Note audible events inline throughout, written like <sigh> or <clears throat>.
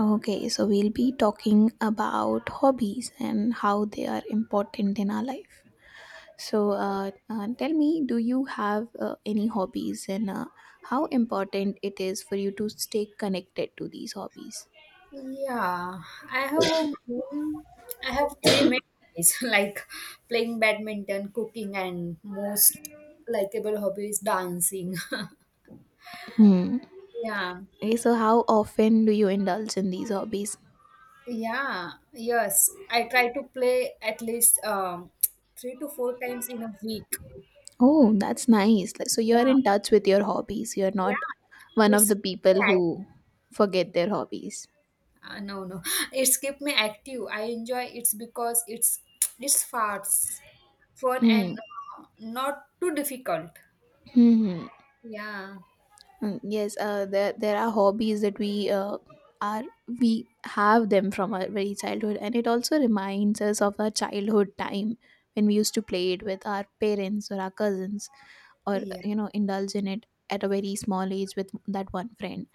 Okay, so we'll be talking about hobbies and how they are important in our life. So, tell me, do you have any hobbies, and how important it is for you to stay connected to these hobbies? Yeah, I have a I have three main hobbies <laughs> like playing badminton, cooking, and most likable hobby is dancing. <laughs> Hmm. Yeah, Okay, so how often do you indulge in these hobbies? yeah, yes. I try to play at least three to four times in a week. Oh, that's nice. So you're Yeah, in touch with your hobbies. You're not yeah. one of It's the people yeah, who forget their hobbies. No, No. <laughs> It's keep me active. I enjoy it's because it's fast, fun, Hmm. and not too difficult. Hmm. Yeah. Mm, yes, there are hobbies that we are we have them from our very childhood, and it also reminds us of our childhood time when we used to play it with our parents or our cousins, or Yeah, you know, indulge in it at a very small age with that one friend.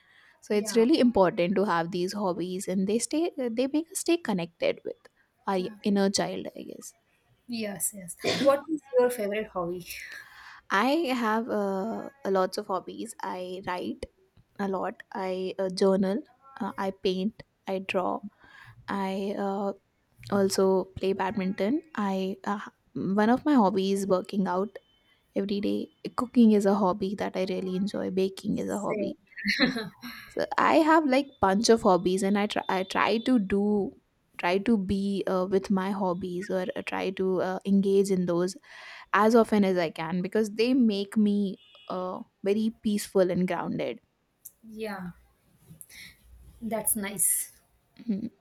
So it's yeah, really important to have these hobbies, and they make us stay connected with our yeah. inner child, I guess. Yes, yes. What is your favorite hobby? I have lots of hobbies. I write a lot. I journal, I paint, I draw. I also play badminton. I One of my hobbies is working out every day. Cooking is a hobby that I really enjoy. Baking is a Say, hobby. So I have like bunch of hobbies, and I try to be with my hobbies, or try to engage in those as often as I can because they make me very peaceful and grounded. yeah, that's nice. Mhm.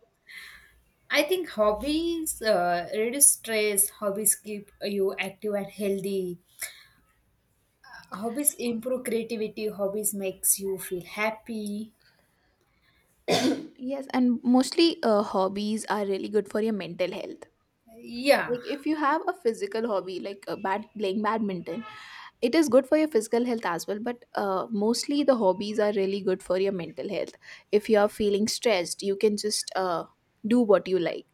I think hobbies reduce stress, hobbies keep you active and healthy, hobbies improve creativity, hobbies makes you feel happy. Yes, and mostly hobbies are really good for your mental health. Yeah, Like if you have a physical hobby, like bad playing badminton, it is good for your physical health as well. But mostly the hobbies are really good for your mental health. If you are feeling stressed, you can just do what you like,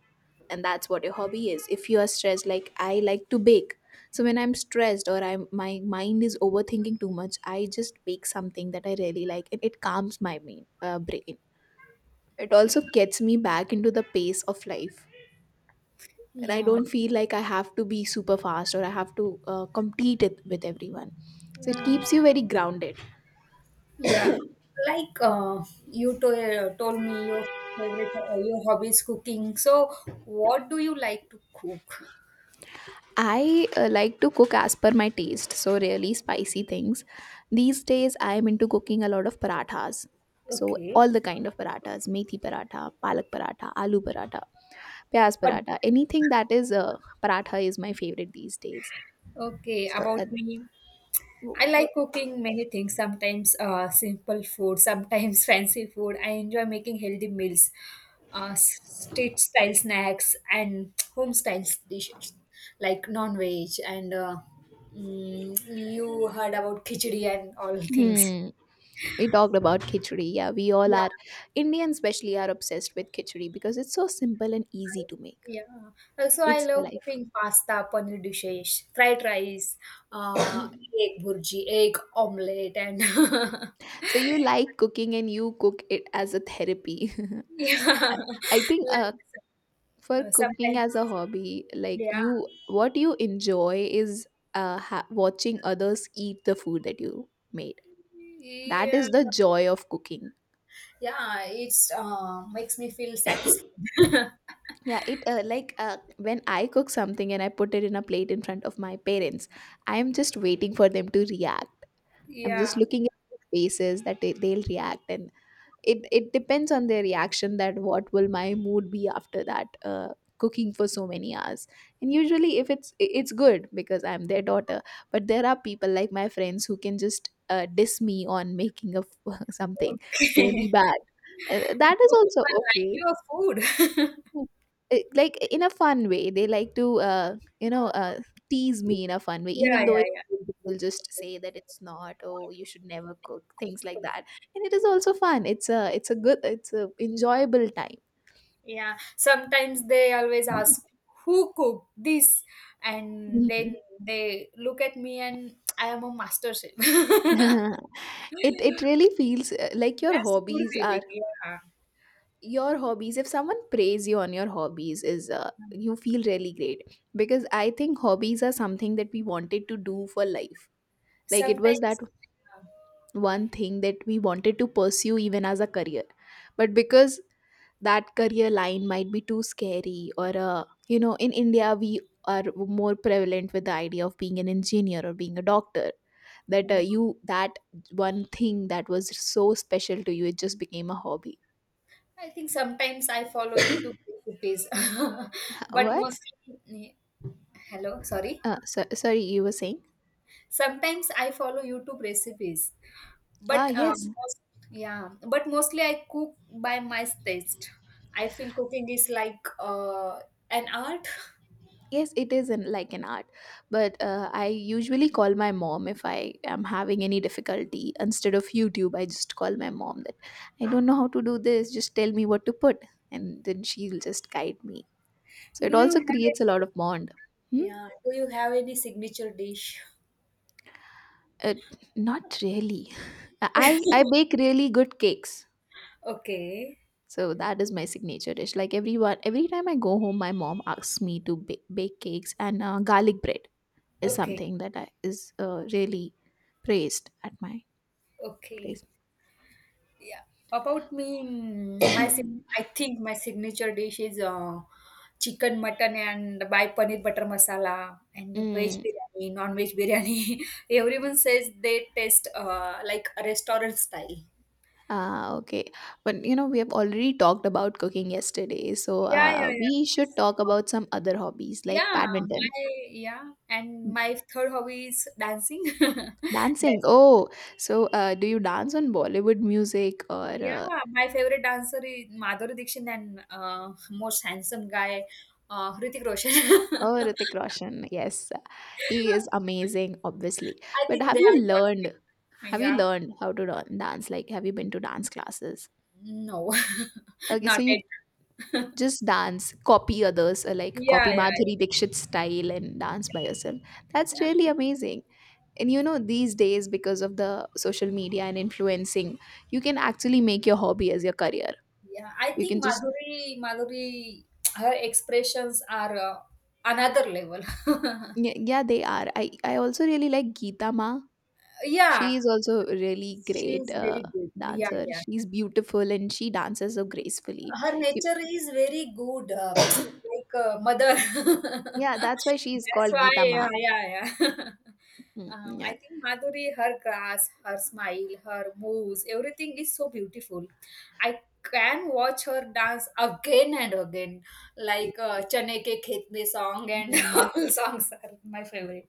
and that's what your hobby is. If you are stressed, like I like to bake, so when I'm stressed or I'm my mind is overthinking too much, I just bake something that I really like, and it calms my main, brain. It also gets me back into the pace of life. And I yeah, don't feel like I have to be super fast or I have to compete it with everyone. So it yeah, keeps you very grounded. yeah. Like you told me your favorite your hobby is cooking. So, what do you like to cook? I like to cook as per my taste, so really spicy things. These days I am into cooking a lot of parathas. So Okay. all the kind of parathas: methi paratha, palak paratha, aloo paratha, pyaz But paratha, anything that is paratha is my favorite these days. Okay, So about me. I like cooking many things, sometimes simple food, sometimes <laughs> fancy food. I enjoy making healthy meals, uh, street style snacks, and home style dishes like non veg. And mm, you heard about khichdi and all things. hmm, we talked about khichdi. Yeah, we all Yeah, are Indians, especially, are obsessed with khichdi because it's so simple and easy to make. yeah. Also, I It's the love life. cooking pasta, paneer dishes, fried rice, uh, egg burji, egg omelette, and <laughs> So you like cooking, and you cook it as a therapy. <laughs> yeah. I think <laughs> like for cooking as a Sometimes, hobby, like yeah, you what you enjoy is watching others eat the food that you made. That yeah, is the joy of cooking. yeah. It's makes me feel satisfied. Yeah, it like when I cook something and I put it in a plate in front of my parents, I am just waiting for them to react. <laughs> I'm just Yeah. looking at the faces that they'll react, and it depends on their reaction that what will my mood be after that cooking for so many hours. And usually, if it's I- it's good because I'm their daughter, but there are people like my friends who can just diss me on making of <laughs> something really Okay. bad. <laughs> Do That is also people like okay. your food? <laughs> Mm. Eh, like in a fun way they like to you know Uh, tease me in a fun way, yeah, even though yeah, it yeah. will just say that it's not, oh, you should never cook things like that. And it is also fun. It's a enjoyable time. Yeah, sometimes they always ask who cooked this, and Mhm. then they look at me and I am a master chef. <laughs> <laughs> It really feels like your That's good hobbies feeling. are Yeah, your hobbies if someone praise you on your hobbies is you feel really great, because I think hobbies are something that we wanted to do for life. Like it was that Sometimes, yeah. one thing that we wanted to pursue even as a career, but because that career line might be too scary, or you know, in India we are more prevalent with the idea of being an engineer or being a doctor, that Mm. you that one thing that was so special to you, it just became a hobby. I think sometimes I follow YouTube recipes, <laughs> but What hello, sorry. So, sorry, you were saying? Sometimes I follow YouTube recipes, Ah, but yes. Yeah, but mostly I cook by my taste. I feel cooking is like an art. Yes, it is an, like an art, but I usually call my mom if I am having any difficulty. Instead of YouTube, I just call my mom that I don't know how to do this. Just tell me what to put, and then she'll just guide me. So it Do you also have creates a any, lot of bond. Hmm? yeah, do you have any signature dish? Uh, not really. <laughs> I bake really good cakes, Okay, so that is my signature dish. Like everyone, every time I go home, my mom asks me to bake cakes and garlic bread. Is okay, something that is really praised at my okay. place. Yeah. About me, I think my signature dish is chicken mutton and by paneer butter masala and veg Mm. biryani, non-veg biryani. <laughs> Everyone says they taste like a restaurant style. Ah, okay. But you know, we have already talked about cooking yesterday, so Yeah, yeah, yeah. we should Yes. talk about some other hobbies, like Yeah, badminton, my yeah, and my third hobby is dancing. <laughs> dancing. That's Oh, so do you dance on Bollywood music, yeah, my favorite dancer is Madhuri Dixit and most handsome guy, Hrithik Roshan. or Hrithik Roshan? Yes, he is <laughs> amazing, obviously. I But think have they you are perfect. learned? Have you Yeah. learned how to dance? Like, have you been to dance classes? No, <laughs> Okay, not so you it. <laughs> just dance copy others, like Yeah, copy yeah, Madhuri Dixit's style and dance by yourself. That's yeah. really amazing. And you know, these days, because of the social media and influencing, you can actually make your hobby as your career. Yeah, I You can think just Madhuri, Madhuri, her expressions are another level. <laughs> Yeah, yeah, they are. I also really like Geeta Ma. Yeah, She is also a really she great is very good. Yeah, dancer. yeah. She's beautiful, and she dances so gracefully. Her You- nature is very good, <tsk> like a mother. <laughs> yeah, that's why she is That's called why, Geeta Ma. yeah, yeah, yeah. <laughs> Mm, I yeah. think Madhuri, her grass, her smile, her moves, everything is so beautiful. I can watch her dance again and again, like Chane Ke Khet Me song and <laughs> Mm. all songs are my favorite.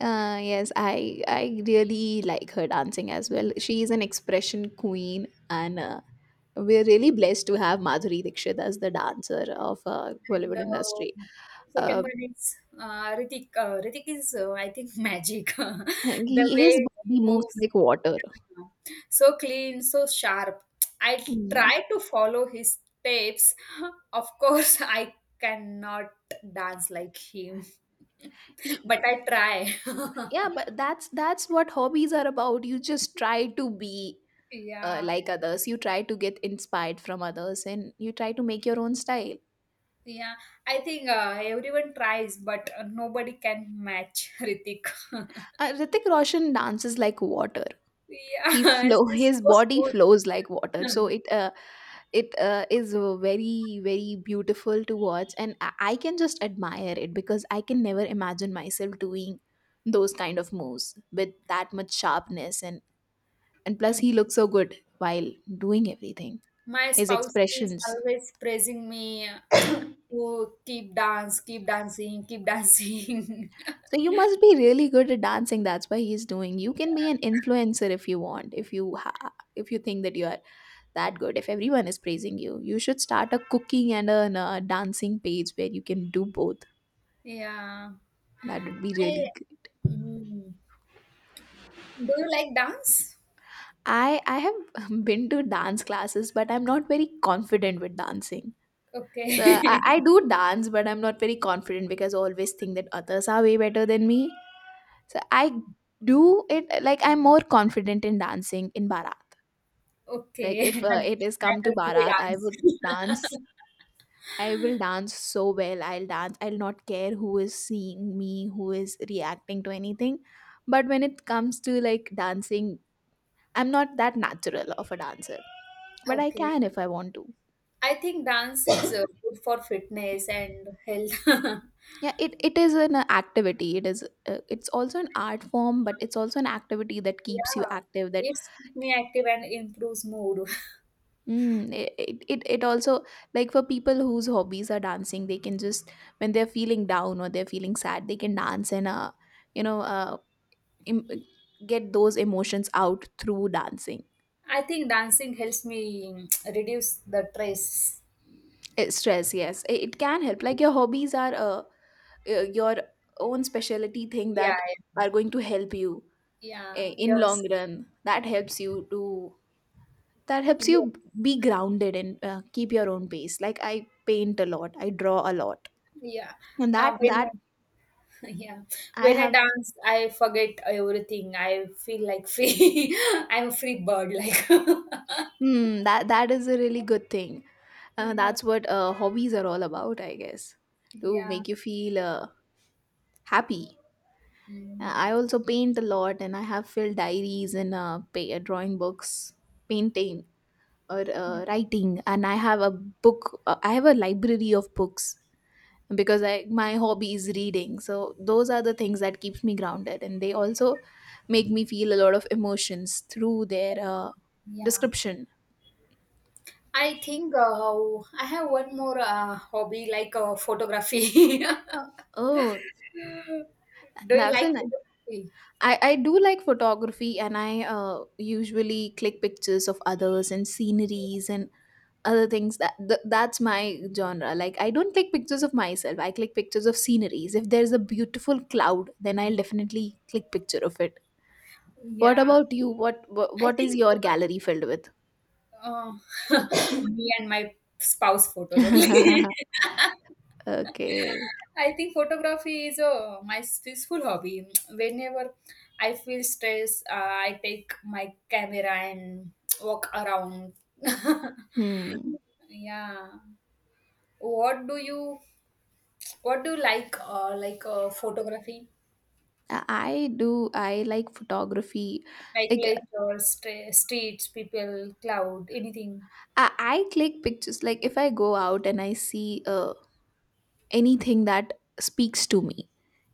Yes, I really like her dancing as well. <laughs> She is an expression queen, and we're really blessed to have Madhuri Dixit as the dancer of And Bollywood industry. Second Uh, one is Ritik. Ritik is, I think, <laughs> magic. <laughs> <laughs> The way his he body moves moves, like water. <laughs> so clean, so sharp. I Mm. try to follow his steps. <laughs> Of course, I cannot dance like him, <laughs> He, but I try. yeah, <laughs> but that's what hobbies are about. You just try to be Yeah, like others. You try to get inspired from others, and you try to make your own style. yeah. I think everyone tries, but nobody can match Ritik. <laughs> Ritik Roshan dances like water. He Yeah, flow <laughs> <laughs> it's His so body smooth. flows like water, Yeah. so it is very very beautiful to watch, and I can just admire it because I can never imagine myself doing those kind of moves with that much sharpness. And plus, he <laughs> looks so good while doing everything. My His spouse is expressions. always praising me to keep dance, keep dancing, keep dancing. <laughs> So you must be really good at dancing. That's why he's doing. You can be an influencer if you want. If you if you think that you are that good, if everyone is praising you, you should start a cooking and a dancing page where you can do both. Yeah. That would be I, really good. Mm. Do you like dance? I have <laughs> been to dance classes, but I'm not very confident with dancing. Okay. I <laughs> do dance, but I'm not very confident because I always think that others are way better than me. So I do it like I'm more confident in dancing in Bharat. Okay. <laughs> Like if it is I come to can do Bharat, I dance. would <laughs> dance. I will dance so well. I'll dance. I'll not care who is seeing me, who is reacting to anything. But when it comes to like dancing, I'm not that natural of a dancer. But I Okay. can if I want to. I think dance is good for fitness and health. <laughs> Yeah, it is an activity. It is it's also an art form, but it's also an activity that keeps Yeah. you active, that... It's keep me active and improves mood. Mm, it also, like, for people whose hobbies are dancing, they can just when they're feeling down or they're feeling sad, they can dance, and you know im- get those emotions out through dancing. I think dancing helps me <tsk> reduce the stress. Eh, stress, yes, it can help. Like your hobbies are your own specialty thing Yeah, that are going to help you yeah, in yes, long run. That helps you to that helps yeah, you be grounded and keep your own pace. Like I paint a lot, I draw a lot, yeah. and Uh, that when that I, <laughs> yeah, I when I have... dance, I forget everything. I feel like free. <laughs> I'm a free bird, like. <laughs> Hmm, that is a really good thing. Yeah, That's what hobbies are all about, I guess, to yeah, make you feel happy. Mm, I also paint a lot, and I have filled diaries and drawing books, painting, or writing, and I have a book. I have a library of books, because I my hobby is reading. So those are the things that keeps me grounded, and they also make me feel a lot of emotions through their yeah. description. I think I have one more hobby like photography. Uh, <laughs> oh, Do you that's a like nice. photography? I do like photography, and I usually click pictures of others and sceneries and other things that's my genre. Like, I don't click pictures of myself, I click pictures of sceneries. If there's a beautiful cloud, then I'll definitely click picture of it. What Yeah, about you? I What is think your photography. gallery filled with? Oh, <laughs> me and my spouse photos only. <laughs> <laughs> Okay. I think photography is my peaceful hobby. Whenever I feel stress, I take my camera and walk around. <laughs> Hmm. Yeah. What do you what do you like photography? I do, I like photography. Like Like, nature, streets, people, cloud, anything. I click pictures like if I go out and I see a anything that speaks to me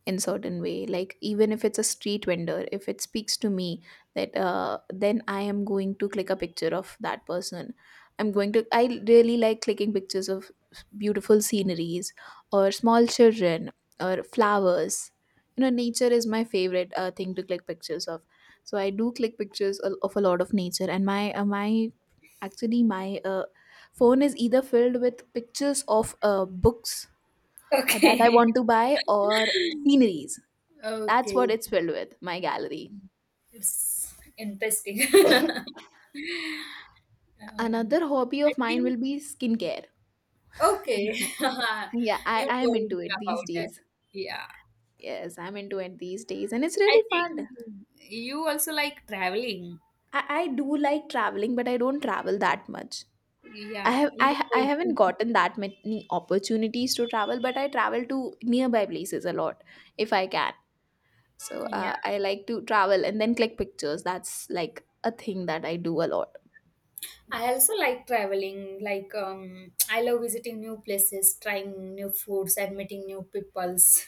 in certain way. Like, even if it's a street vendor, if it speaks to me, that then I am going to click a picture of that person. I'm going to I really like clicking pictures of beautiful sceneries, or small children, or flowers. You know, nature is my favorite thing to click pictures of. So I do click pictures of a lot of nature, and my my actually my phone is either filled with pictures of books that Okay. I want to buy, or <laughs> sceneries. That's what Okay. it's filled with, my gallery. It's interesting. <coughs> <laughs> um, Another hobby I of mine will think be skincare. Okay. <laughs> <laughs> Yeah, You I am told into me it these about that. days. Yeah, Yes, I'm into it these days, and it's I really think fun. you also like traveling. I do like traveling, but I don't travel that much. Yeah, you I told haven't me. gotten that many opportunities to travel, but I travel to nearby places a lot if I can. So Yeah, I like to travel and then click pictures. That's like a thing that I do a lot. I also like traveling. Like, I love visiting new places, trying new foods, and meeting new peoples.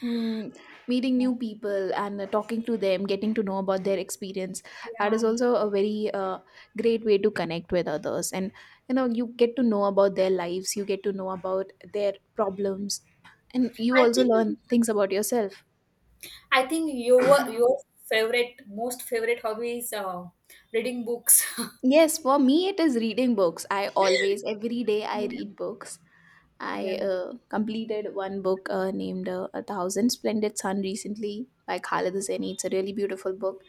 Mm, meeting new people and talking to them, getting to know about their experience, that Yeah, is also a very great way to connect with others. And you know, you get to know about their lives, you get to know about their problems, and you I also think learn things about yourself. I think your favorite most favorite hobby is reading books. <laughs> Yes, for me, it is reading books. I always, every day, I read Yeah. books. I Yeah, completed one book named A Thousand Splendid Sun recently by Khaled Hosseini. It's a really beautiful book,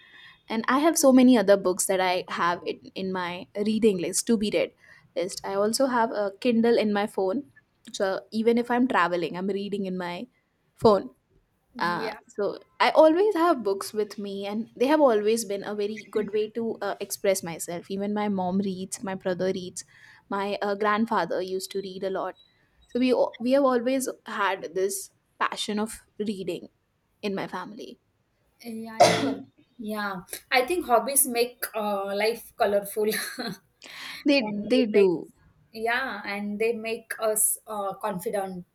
and I have so many other books that I have in my reading list to be read list. I also have a kindle in my phone, so even if I'm traveling, I'm reading in my phone. Yeah, So I always have books with me, and they have always been a very good way to express myself. Even my mom reads, my brother reads, my grandfather used to read a lot. So we have always had this passion of reading in my family. yeah, I, yeah. I think hobbies make life colorful, <laughs> they and they they make do. yeah, and they make us confident.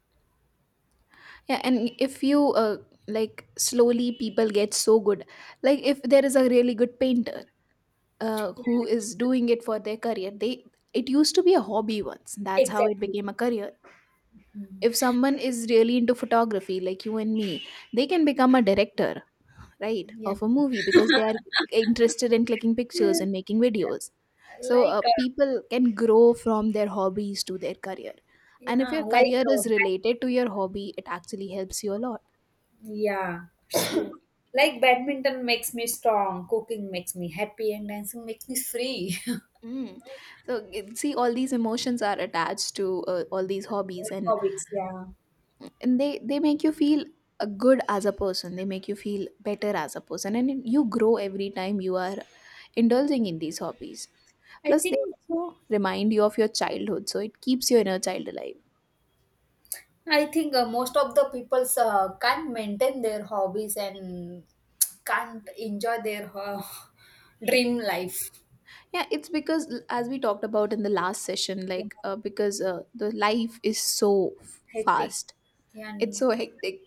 Yeah, and if you like slowly people get so good. Like if there is a really good painter Yeah, who is doing it for their career, they it used to be a hobby once. That's how it exactly. became a career. Mm. If someone is really into photography like you and me, they can become a director, right, Yeah, of a movie because they are interested in clicking pictures and making videos. So like uh, people can grow from their hobbies to their career. And if yeah, your like career uh, is related to your hobby, it actually helps you a lot. yeah, it's true. Like badminton makes me strong, cooking makes me happy, and dancing makes me free. Mm. See, all these emotions are attached to all these hobbies, <laughs> and Hobbies, yeah. they make you feel good as a person. They make you feel better as a person, and you grow every time you are indulging in these hobbies. I Plus, they think also remind you of your childhood, so it keeps your inner child alive. I think most of the peoples can't maintain their hobbies and can't enjoy their <laughs> dream life. Yeah, it's because as we talked about in the last session, Yeah, like because the life is so hectic. fast, Yeah. it's And so hectic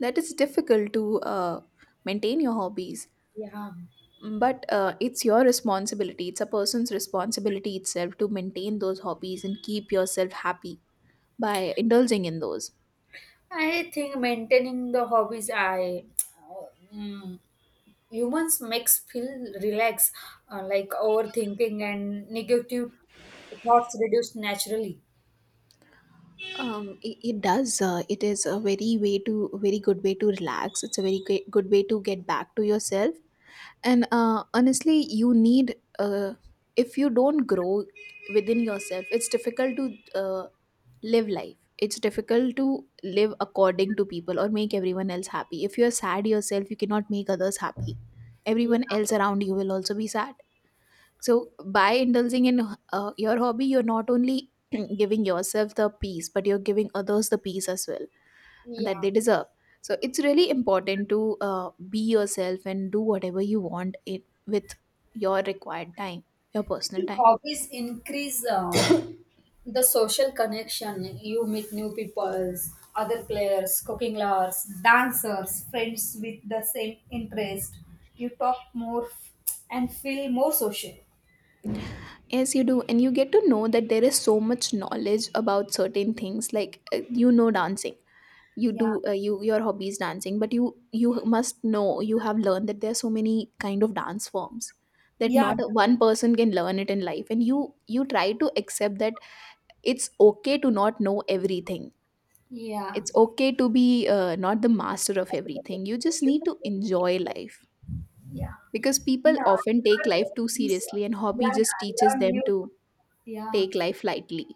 that it's difficult to maintain your hobbies. yeah, But it's your responsibility, it's a person's responsibility itself to maintain those hobbies and keep yourself happy by indulging in those. I think maintaining the hobbies, mm, humans makes feel relax, like overthinking and negative thoughts reduce naturally. It does. It is a very good way to relax. It's a very great, good way to get back to yourself. And honestly, you need if you don't grow within yourself, it's difficult to live life. It's difficult to live according to people or make everyone else happy. If you're sad yourself, you cannot make others happy, Yeah, everyone else around you will also be sad. So by indulging in your hobby, you're not only <clears throat> giving yourself the peace, but you're giving others the peace as well, and that yeah. they deserve. So it's really important to be yourself and do whatever you want it with your required time, your I personal think time. hobbies increase. The social connection, you meet new people, other players, cooking lovers, dancers, friends with the same interest, you talk more and feel more social. Yes, you do. And you get to know that there is so much knowledge about certain things. Like you know dancing, you Yeah, do you your hobby is dancing, but you must know you have learned that there are so many kind of dance forms that yeah, not a- one person can learn it in life. And you try to accept that it's okay to not know everything. yeah, It's okay to be not the master of everything. You just need to enjoy life yeah. because people No, often take learn life new too things. seriously, and hobby Yeah yeah just teaches learn them new to yeah take life lightly.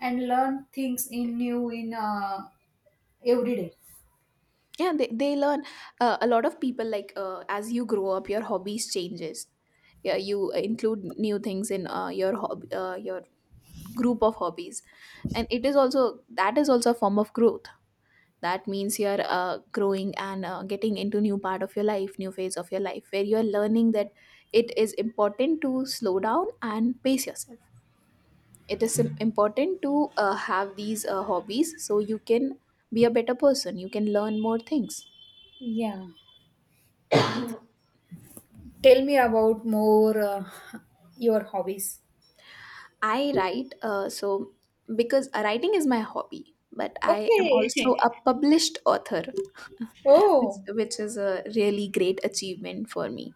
And learn things in new in every day. Yeah, they learn a lot of people like as you grow up your hobbies changes. Yeah, you include new things in your group of hobbies, and it is also that is also a form of growth. That means you're growing and getting into new part of your life, new phase of your life, where you're learning that it is important to slow down and pace yourself. It is important to have these hobbies so you can be a better person, you can learn more things. Yeah, tell me about more your hobbies. I write, so because writing is my hobby, but I am Okay. also a published author, <laughs> <laughs> which Oh, which is a really great achievement for me.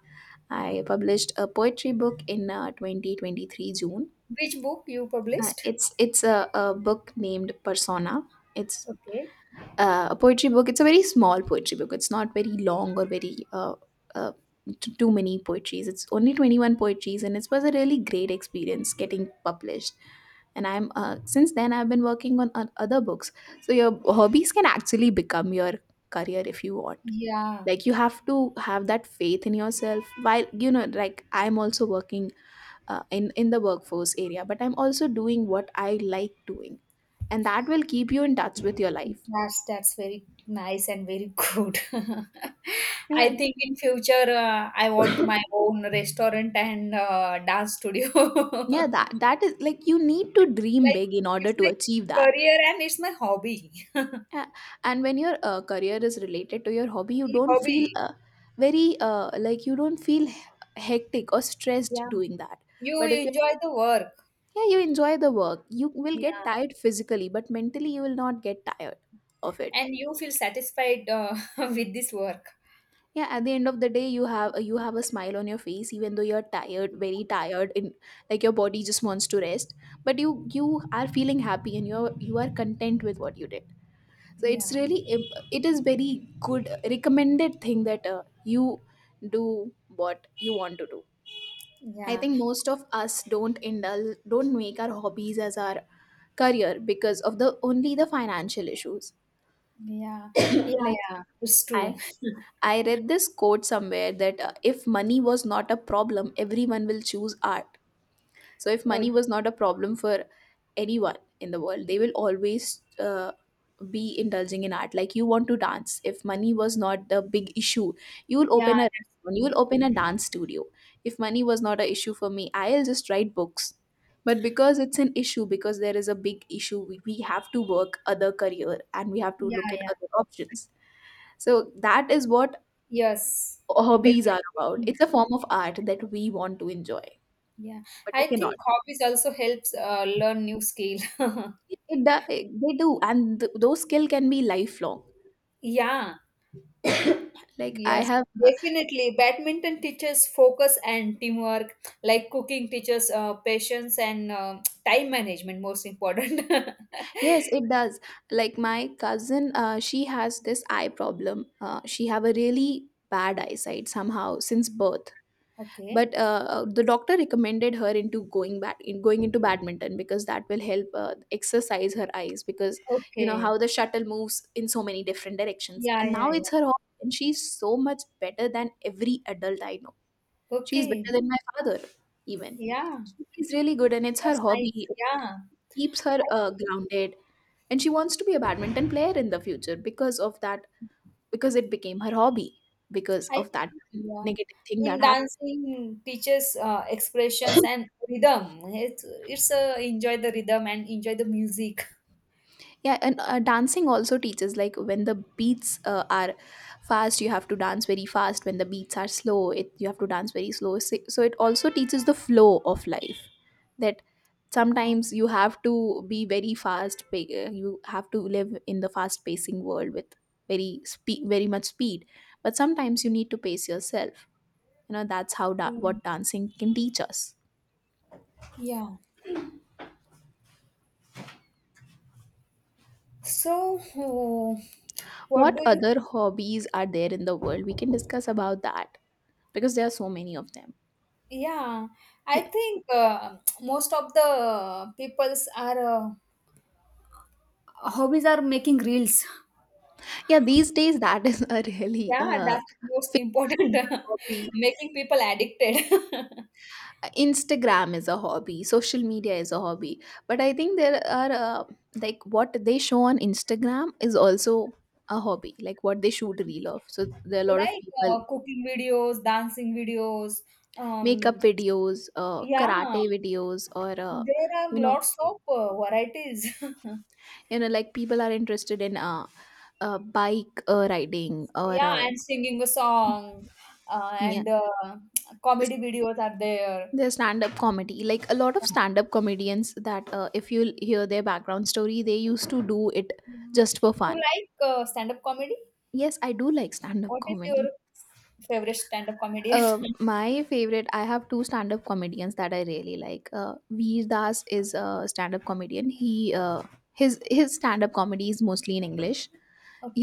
I published a poetry book in 2023 June. which book you published? It's a book named Persona. It's Okay. A poetry book. It's a very small poetry book. It's not very long or very uh, too many poetries. It's only 21 poetries, and it was a really great experience getting published. And I'm since then I've been working on other books. So your hobbies can actually become your career if you want. Yeah, Like you have to have that faith in yourself. While you know, like I'm also working in the workforce area, but I'm also doing what I like doing, and that will keep you in touch with your life. That's very nice and very good. <laughs> I Yeah. think in future I want my own restaurant and dance studio. <laughs> Yeah, that that is like you need to dream Like big in order it's to my achieve that. career and it's my hobby. <laughs> Yeah, and when your career is related to your hobby, you don't feel Hobby. Very like you don't feel hectic or stressed Yeah. doing that. You But if you enjoy the work. yeah, you enjoy the work, you will get Yeah. tired physically, but mentally you will not get tired of it. And you feel satisfied <laughs> with this work. Yeah, at the end of the day, you have a smile on your face, even though you're tired, very tired, in like your body just wants to rest. But you are feeling happy, and you are content with what you did. So it's Yeah. really it is very good recommended thing that you do what you want to do. I Yeah. think most of us don't indulge, don't make our hobbies as our career because of the only the financial issues. Yeah. Yeah. Like, Yeah. It's i true. I read this quote somewhere that if money was not a problem, everyone will choose art. So if Oh, money was not a problem for anyone in the world, they will always uh, be indulging in art. Like you want to dance, if money was not the big issue, you will yeah, open a that's you true. will open a dance studio. If money was not an issue for me, I'll just write books. But because it's an issue, because there is a big issue, we have to work other career, and we have to Yeah, look at yeah. other options. So that is what Yes, hobbies are about. definitely. It's a form of art that we want to enjoy, Yeah. but we I cannot think hobbies also helps learn new skill. <laughs> They do, and those skill can be lifelong. Yeah, Like I yes, have definitely. Badminton teaches focus and teamwork, like cooking teaches patience and time management, most important. <laughs> yes, it does. Like my cousin, she has this eye problem. She have a really bad eyesight somehow since birth. Okay. But the doctor recommended her into going back in going into badminton because that will help exercise her eyes because you know Okay. how the shuttle moves in so many different directions. Yeah, And yeah, now it's yeah. her hobby, and she's so much better than every adult I know. She's better Okay. than my father even. Yeah, She's really good, and it's her that's nice. hobby. It Yeah. keeps her grounded, and she wants to be a badminton player in the future because of that, because it became her hobby because I of that think, yeah, negative thing in that happened. dancing teaches expressions and rhythm. It's enjoy the rhythm and enjoy the music. Yeah, and dancing also teaches, like, when the beats are fast, you have to dance very fast. When the beats are slow, it you have to dance very slow. So it also teaches the flow of life, that Yeah, sometimes you have to be very fast, you have to live in the fast pacing world with very speed, very much speed, but sometimes you need to pace yourself. You know, that's how yeah, what dancing can teach us. yeah. So, oh, what What do you? other hobbies are there in the world? We can discuss about that because there are so many of them. Yeah, I think most of the peoples are. Hobbies are making reels. Yeah, these days that <laughs> is a really Yeah, that's most fake important. <laughs> hobby. Making people addicted. <laughs> Instagram is a hobby, social media is a hobby, but I think there are like what they show on Instagram is also a hobby, like what they shoot a reel of. So there are a lot of Like people. Cooking videos, dancing videos, Makeup um, videos, yeah, karate videos, or there are you know, lots of varieties. <laughs> Like, people are interested in bike riding, or Yeah, and singing a song, yeah, and s- comedy videos are there. their stand-up comedy. Like, a lot of stand-up comedians that, if you hear their background story, they used to do it Yeah. just for You fun. like stand-up comedy? Yes, I do like stand-up What is your comedy. favorite stand-up comedian? <laughs> My favorite, I have two stand-up comedians that I really like. Veer Das is a stand-up comedian. He uh, his stand-up comedy is mostly in English.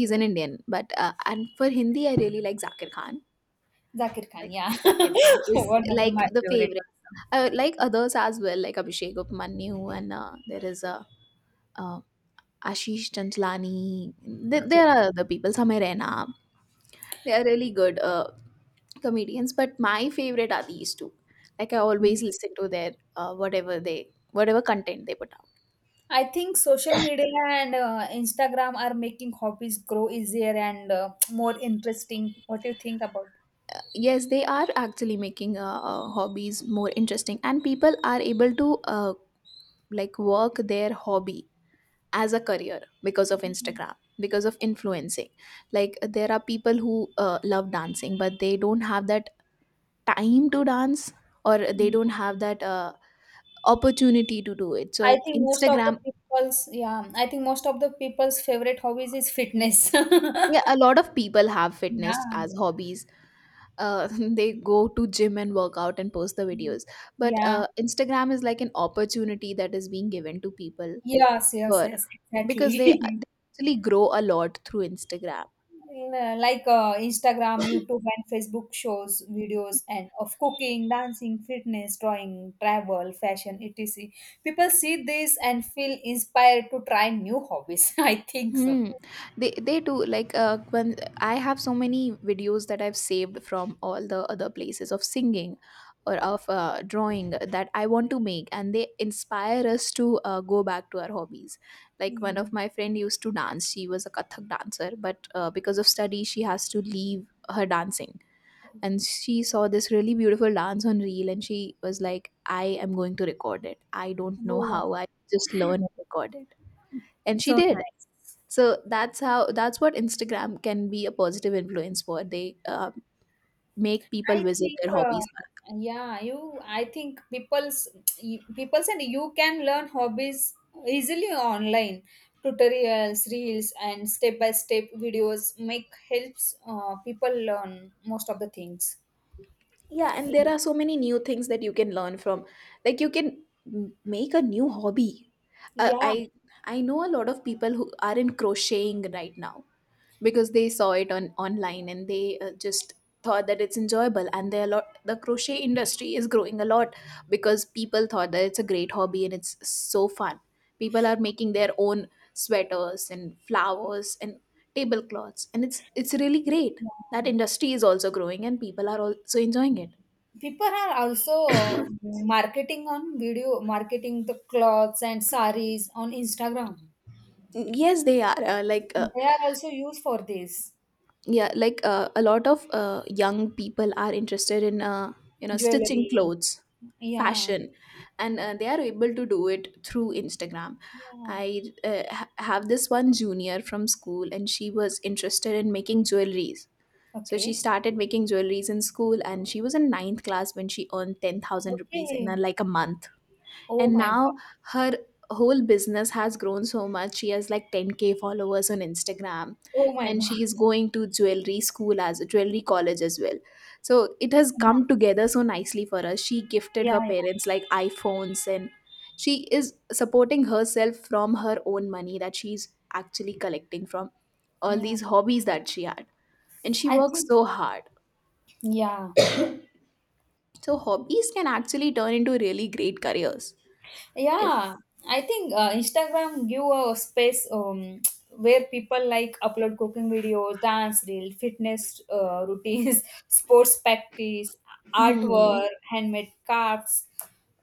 He's an Indian. But uh, and for Hindi, I really like Zakir Khan. Zakir Khan. Like, Yeah, Zakir Khan <laughs> is one of the, like my the favorite favorite. also. Like others as well, like Abhishek Upamanyu, and there is a uh, Ashish Chanchlani. Okay. There are other people, Samir Raina. They are really good comedians, but my favorite are these two. Like, I Mm. always listen to their whatever content they put out. I think social media and Instagram are making hobbies grow easier and more interesting. What do you think about? Yes, they are actually making hobbies more interesting, and people are able to, like, work their hobby as a career because of Instagram, because of influencing. Like, there are people who love dancing but they don't have that time to dance, or they don't have that opportunity to do it, so Instagram. I think most of the people's favorite hobbies is fitness. <laughs> Yeah, a lot of people have fitness Yeah. as hobbies. uh, <laughs> they go to gym and work out and post the videos, but Yeah. Instagram is like an opportunity that is being given to people Yes, yes, for, yes, because they, exactly. <laughs> they actually grow a lot through Instagram. Like Instagram, YouTube, and Facebook shows videos and of cooking, dancing, fitness, drawing, travel, fashion, etc. People see this and feel inspired to try new hobbies. <laughs> I think so. Hmm. They do, like, when I have so many videos that I've saved from all the other places of singing or of, drawing that I want to make, and they inspire us to, go back to our hobbies. Like, one of Yeah. my friend used to dance; she was a Kathak dancer, but, because of study, she has to leave her dancing. And she saw this really beautiful dance on reel, and she was like, "I am going to record it. I don't know Oh, how. I just learn and record it." And she so did. nice. So that's how, that's what Instagram can be a positive influence for. They make people I visit think, their hobbies back. yeah, you. I think people and you can learn hobbies easily online. Tutorials, reels, and step by step videos make helps people learn most of the things. Yeah, and there are so many new things that you can learn from. Like, you can make a new hobby. uh, Yeah, i i know a lot of people who are in crocheting right now because they saw it on online, and they just thought that it's enjoyable, and they, a lot, the crochet industry is growing a lot because people thought that it's a great hobby and it's so fun. People are making their own sweaters and flowers and tablecloths, and it's really great. That yeah. industry is also growing and people are also enjoying it. People are also marketing on video, marketing the clothes and saris on Instagram. Yes, they are like They are also used for this yeah, like, a lot of young people are interested in, you know, stitching jewelry. clothes, Yeah. fashion, and they are able to do it through Instagram. Yeah. I have this one junior from school, and she was interested in making jewelries. So she Okay. started making jewelries in school, and she was in ninth class when she earned 10,000 rupees in a, Okay. like, a month. Oh And my God. now her whole business has grown so much. She has like 10k followers on Instagram, Oh my and God. she <laughs> is going to jewelry school, as jewelry college as well. So it has Yeah. come together so nicely for us. She gifted her Yeah. parents like iPhones, and she is supporting herself from her own money that she's actually collecting from Yeah, all yeah. these hobbies that she had. And she I works think, so hard. yeah. So hobbies can actually turn into really great careers, if. Yeah. I think Instagram give a space <tsk> where people like upload cooking videos, dance reel, fitness routines, <laughs> sports practice, Mhm. artwork, handmade crafts.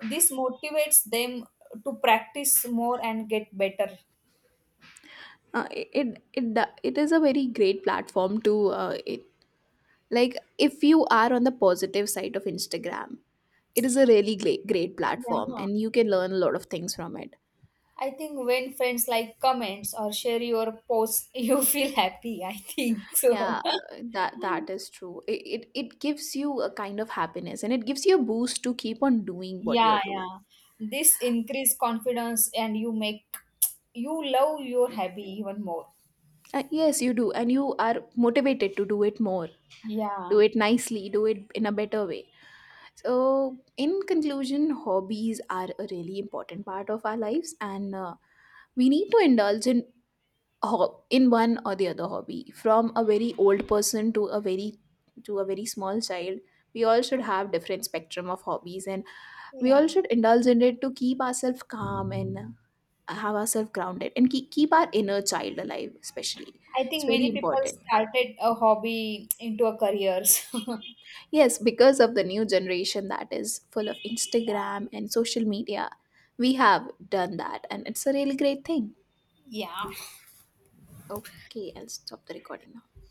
This motivates them to practice more and get better. It is a very great platform to, like, if you are on the positive side of Instagram, it is a really great platform, Yeah. and you can learn a lot of things from it. I think when friends like comments or share your posts, <laughs> you feel happy. I think so. Yeah, <laughs> that is true. It gives you a kind of happiness, and it gives you a boost to keep on doing what Yeah, you're doing. yeah. This increase confidence and you make you love your hobby even more. Yes, you do, and you are motivated to do it more, do Yeah. it nicely, do it in a better way. So, in conclusion, hobbies are a really important part of our lives, and, we need to indulge in in one or the other hobby. From a very old person to a very small child, we all should have different spectrum of hobbies, and we all Yeah. should indulge in it to keep ourselves calm and have ourselves grounded and keep our inner child alive. Especially, I it's think very many people important. started a hobby into a careers. Yes, because of the new generation that is full of Instagram and social media, we have done that, and it's a really great thing. <laughs> Yeah. Okay, I'll stop the recording now.